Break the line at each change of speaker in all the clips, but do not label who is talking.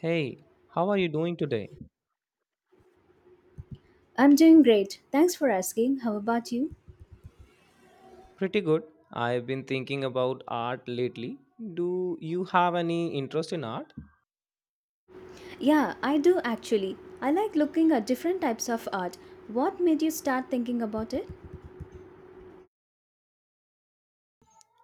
Hey, how are you doing today?
I'm doing great. Thanks for asking. How about you?
Pretty good. I've been thinking about art lately. Do you have any interest in art?
Yeah, I do actually. I like looking at different types of art. What made you start thinking about it?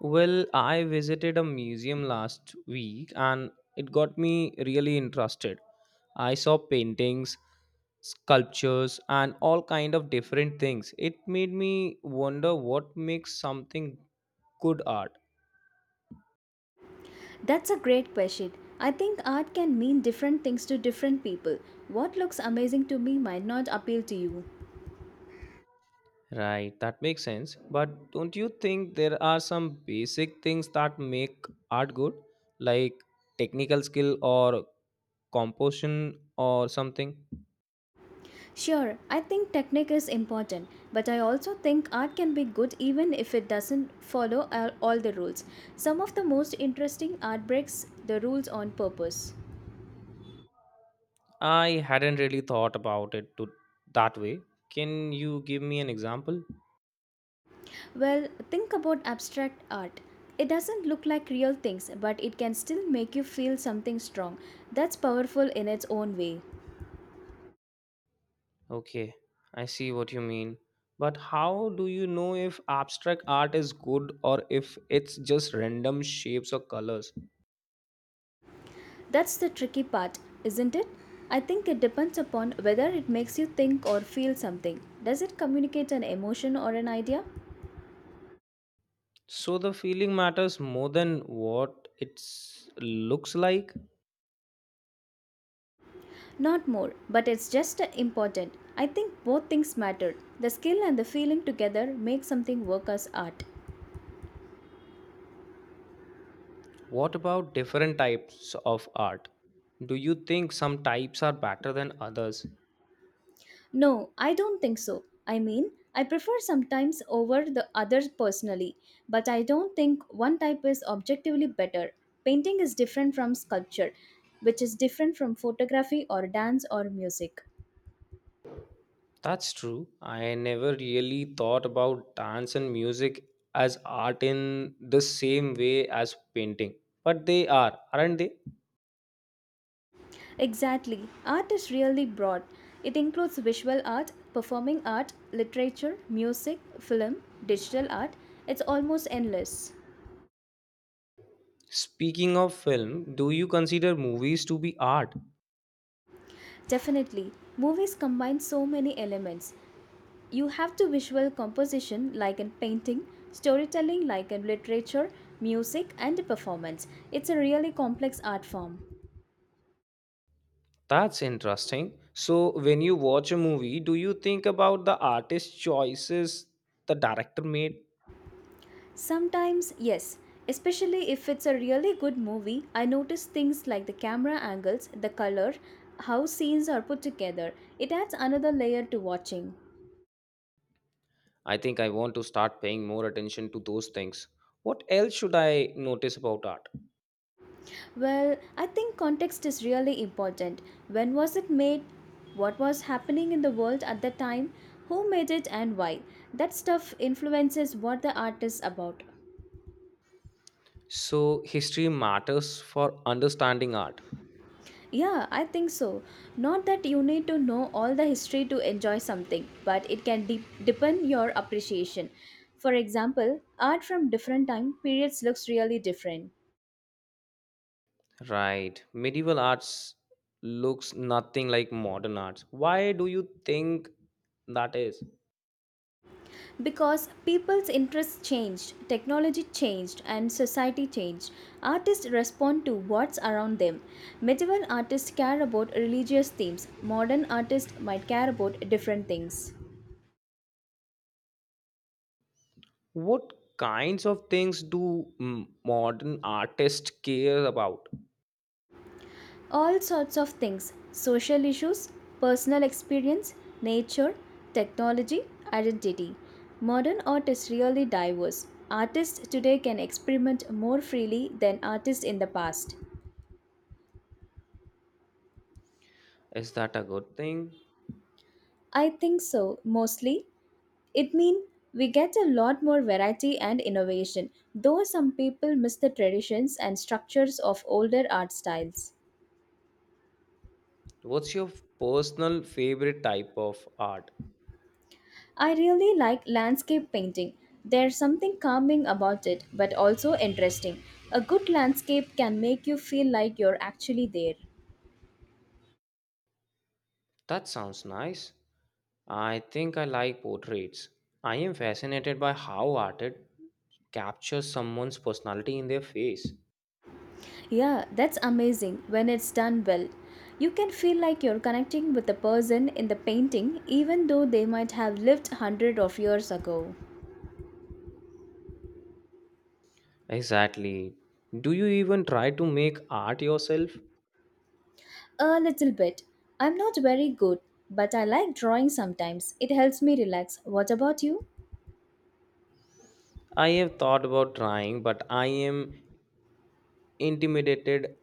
Well, I visited a museum last week and it got me really interested. I saw paintings, sculptures and all kind of different things. It made me wonder what makes something good art.
That's a great question. I think art can mean different things to different people. What looks amazing to me might not appeal to you.
Right, that makes sense. But don't you think there are some basic things that make art good, like technical skill or composition or something?
Sure, I think technique is important, but I also think art can be good even if it doesn't follow all the rules. Some of the most interesting art breaks the rules on purpose.
I hadn't really thought about it to that way. Can you give me an example?
Well, think about abstract art. It doesn't look like real things, but it can still make you feel something strong. That's powerful in its own way.
Okay, I see what you mean. But how do you know if abstract art is good or if it's just random shapes or colors?
That's the tricky part, isn't it? I think it depends upon whether it makes you think or feel something. Does it communicate an emotion or an idea?
So the feeling matters more than what it looks like.
Not more, but it's just important. I think both things matter. The skill and the feeling together make something work as art.
What about different types of art? Do you think some types are better than others?
No, I don't think so. I mean, I prefer sometimes over the others personally, but I don't think one type is objectively better. Painting is different from sculpture, which is different from photography or dance or music.
That's true. I never really thought about dance and music as art in the same way as painting. But they are, aren't they?
Exactly. Art is really broad. It includes visual art, performing art, literature, music, film, digital art. It's almost endless.
Speaking of film, do you consider movies to be art?
Definitely. Movies combine so many elements. You have to visual composition like in painting, storytelling like in literature, music and performance. It's a really complex art form.
That's interesting. So, when you watch a movie, do you think about the artist's choices the director made?
Sometimes, yes, especially if it's a really good movie, I notice things like the camera angles, the color, how scenes are put together. It adds another layer to watching.
I think I want to start paying more attention to those things. What else should I notice about art?
Well, I think context is really important. When was it made? What was happening in the world at that time? Who made it and why? That stuff influences what the art is about.
So, history matters for understanding art.
Yeah, I think so. Not that you need to know all the history to enjoy something, but it can deepen your appreciation. For example, art from different time periods looks really different.
Right. Medieval arts looks nothing like modern arts. Why do you think that is?
Because people's interests changed, technology changed, and society changed. Artists respond to what's around them. Medieval artists care about religious themes, modern artists might care about different things.
What kinds of things do modern artists care about?
All sorts of things social issues, personal experience, nature, technology, identity. Modern art is really diverse. Artists today can experiment more freely than artists in the past.
Is that a good thing?
I think so, mostly. It means we get a lot more variety and innovation, though some people miss the traditions and structures of older art styles.
What's your personal favorite type of art?
I really like landscape painting. There's something calming about it, but also interesting. A good landscape can make you feel like you're actually there.
That sounds nice. I think I like portraits. I am fascinated by how art captures someone's personality in their face.
Yeah, that's amazing when it's done well. You can feel like you're connecting with the person in the painting even though they might have lived hundred of years ago.
Exactly. Do you even try to make art yourself?
A little bit. I'm not very good, but I like drawing sometimes. It helps me relax. What about you?
I have thought about trying, but I am intimidated.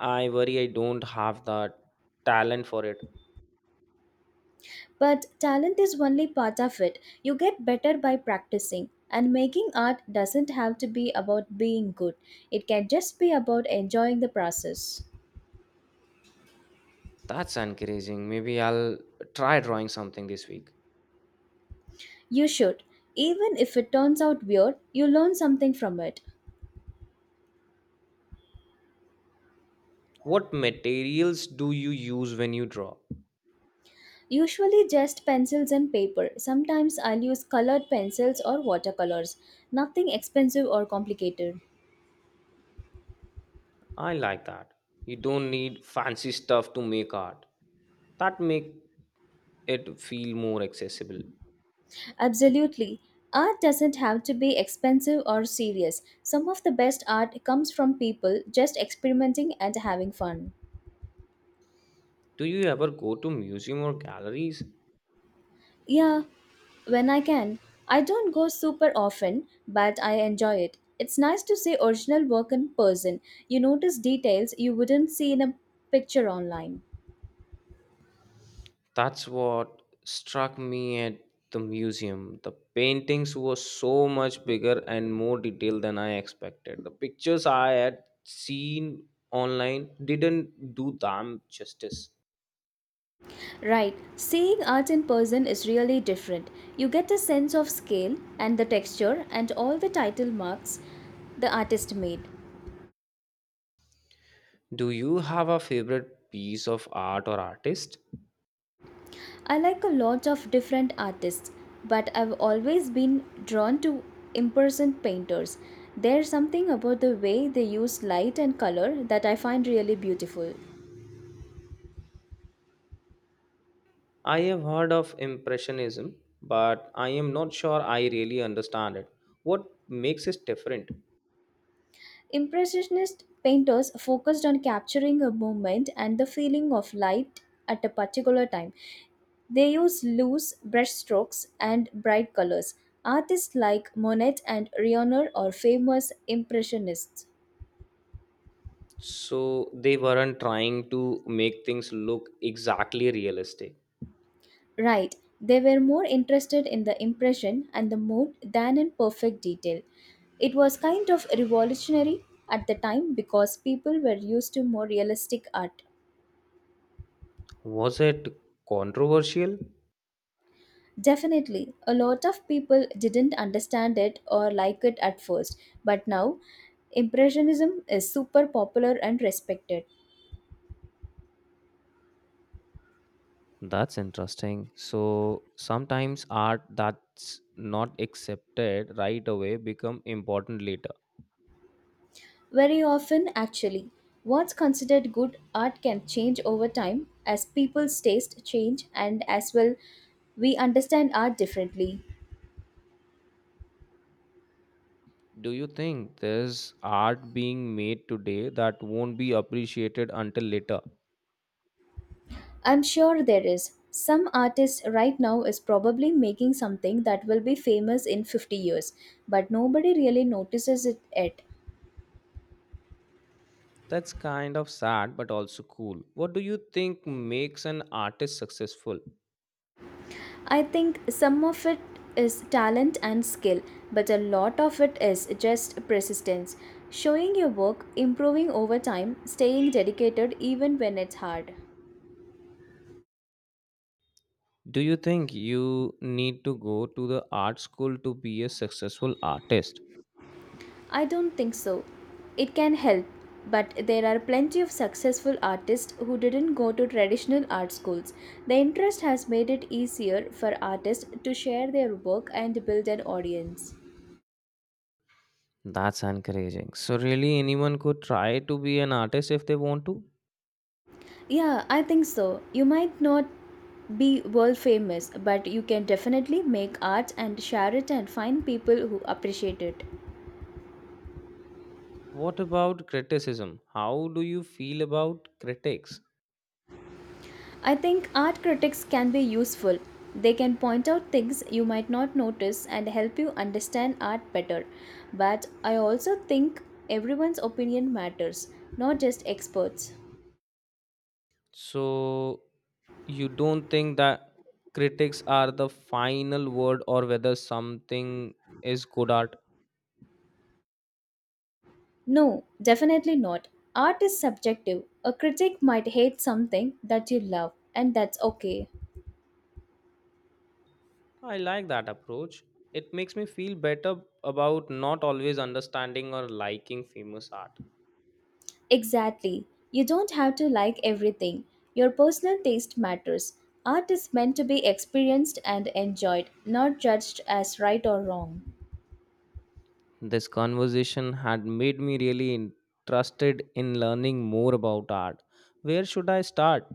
I worry I don't have the talent for it.
But talent is only part of it. You get better by practicing. And making art doesn't have to be about being good, it can just be about enjoying the process.
That's encouraging. Maybe I'll try drawing something this week.
You should. Even if it turns out weird, you learn something from it.
What materials do you use when you draw?
Usually just pencils and paper. Sometimes I'll use colored pencils or watercolors. Nothing expensive or complicated.
I like that. You don't need fancy stuff to make art. That make it feel more accessible.
Absolutely. Art doesn't have to be expensive or serious. Some of the best art comes from people just experimenting and having fun.
Do you ever go to museum or galleries?
Yeah, when I can. I don't go super often, but I enjoy it. It's nice to see original work in person. You notice details you wouldn't see in a picture online.
That's what struck me at the museum. The paintings were so much bigger and more detailed than I expected. The pictures I had seen online didn't do them justice.
Right, seeing art in person is really different. You get a sense of scale and the texture and all the title marks the artist made.
Do you have a favorite piece of art or artist?
I like a lot of different artists, but I've always been drawn to impersonate painters. There's something about the way they use light and color that I find really beautiful.
I have heard of Impressionism, but I am not sure I really understand it. What makes it different?
Impressionist painters focused on capturing a moment and the feeling of light at a particular time. They use loose brushstrokes and bright colors. Artists like Monet and Renoir are famous impressionists.
So, they weren't trying to make things look exactly realistic.
Right, they were more interested in the impression and the mood than in perfect detail. It was kind of revolutionary at the time because people were used to more realistic art.
Was it controversial?
Definitely, a lot of people didn't understand it or like it at first, but now Impressionism is super popular and respected.
That's interesting. So, sometimes art that's not accepted right away become important later.
Very often, actually, what's considered good art can change over time as people's taste change and as well we understand art differently.
Do you think there's art being made today that won't be appreciated until later?
I'm sure there is. Some artist right now is probably making something that will be famous in 50 years, but nobody really notices it yet.
That's kind of sad, but also cool. What do you think makes an artist successful?
I think some of it is talent and skill, but a lot of it is just persistence. Showing your work, improving over time, staying dedicated even when it's hard.
Do you think you need to go to the art school to be a successful artist?
I don't think so. It can help, but there are plenty of successful artists who didn't go to traditional art schools. The interest has made it easier for artists to share their work and build an audience.
That's encouraging. So, really, anyone could try to be an artist if they want to?
Yeah, I think so. You might not be world famous, but you can definitely make art and share it and find people who appreciate it.
What about criticism? How do you feel about critics?
I think art critics can be useful. They can point out things you might not notice and help you understand art better. But I also think everyone's opinion matters, not just experts.
So, you don't think that critics are the final word or whether something is good art?
No, definitely not. Art is subjective. A critic might hate something that you love, and that's okay.
I like that approach. It makes me feel better about not always understanding or liking famous art.
Exactly. You don't have to like everything. Your personal taste matters. Art is meant to be experienced and enjoyed, not judged as right or wrong.
This conversation had made me really interested in learning more about art. Where should I start?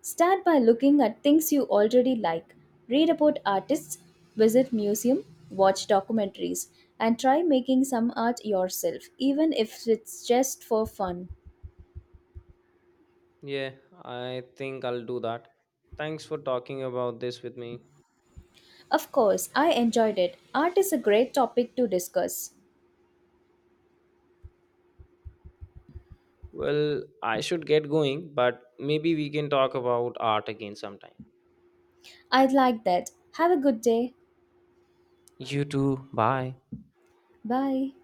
Start by looking at things you already like. Read about artists, visit museum, watch documentaries, and try making some art yourself, even if it's just for fun.
Yeah, I think I'll do that. Thanks for talking about this with me.
Of course, I enjoyed it. Art is a great topic to discuss.
Well, I should get going, but maybe we can talk about art again sometime.
I'd like that. Have a good day.
You too. Bye.
Bye.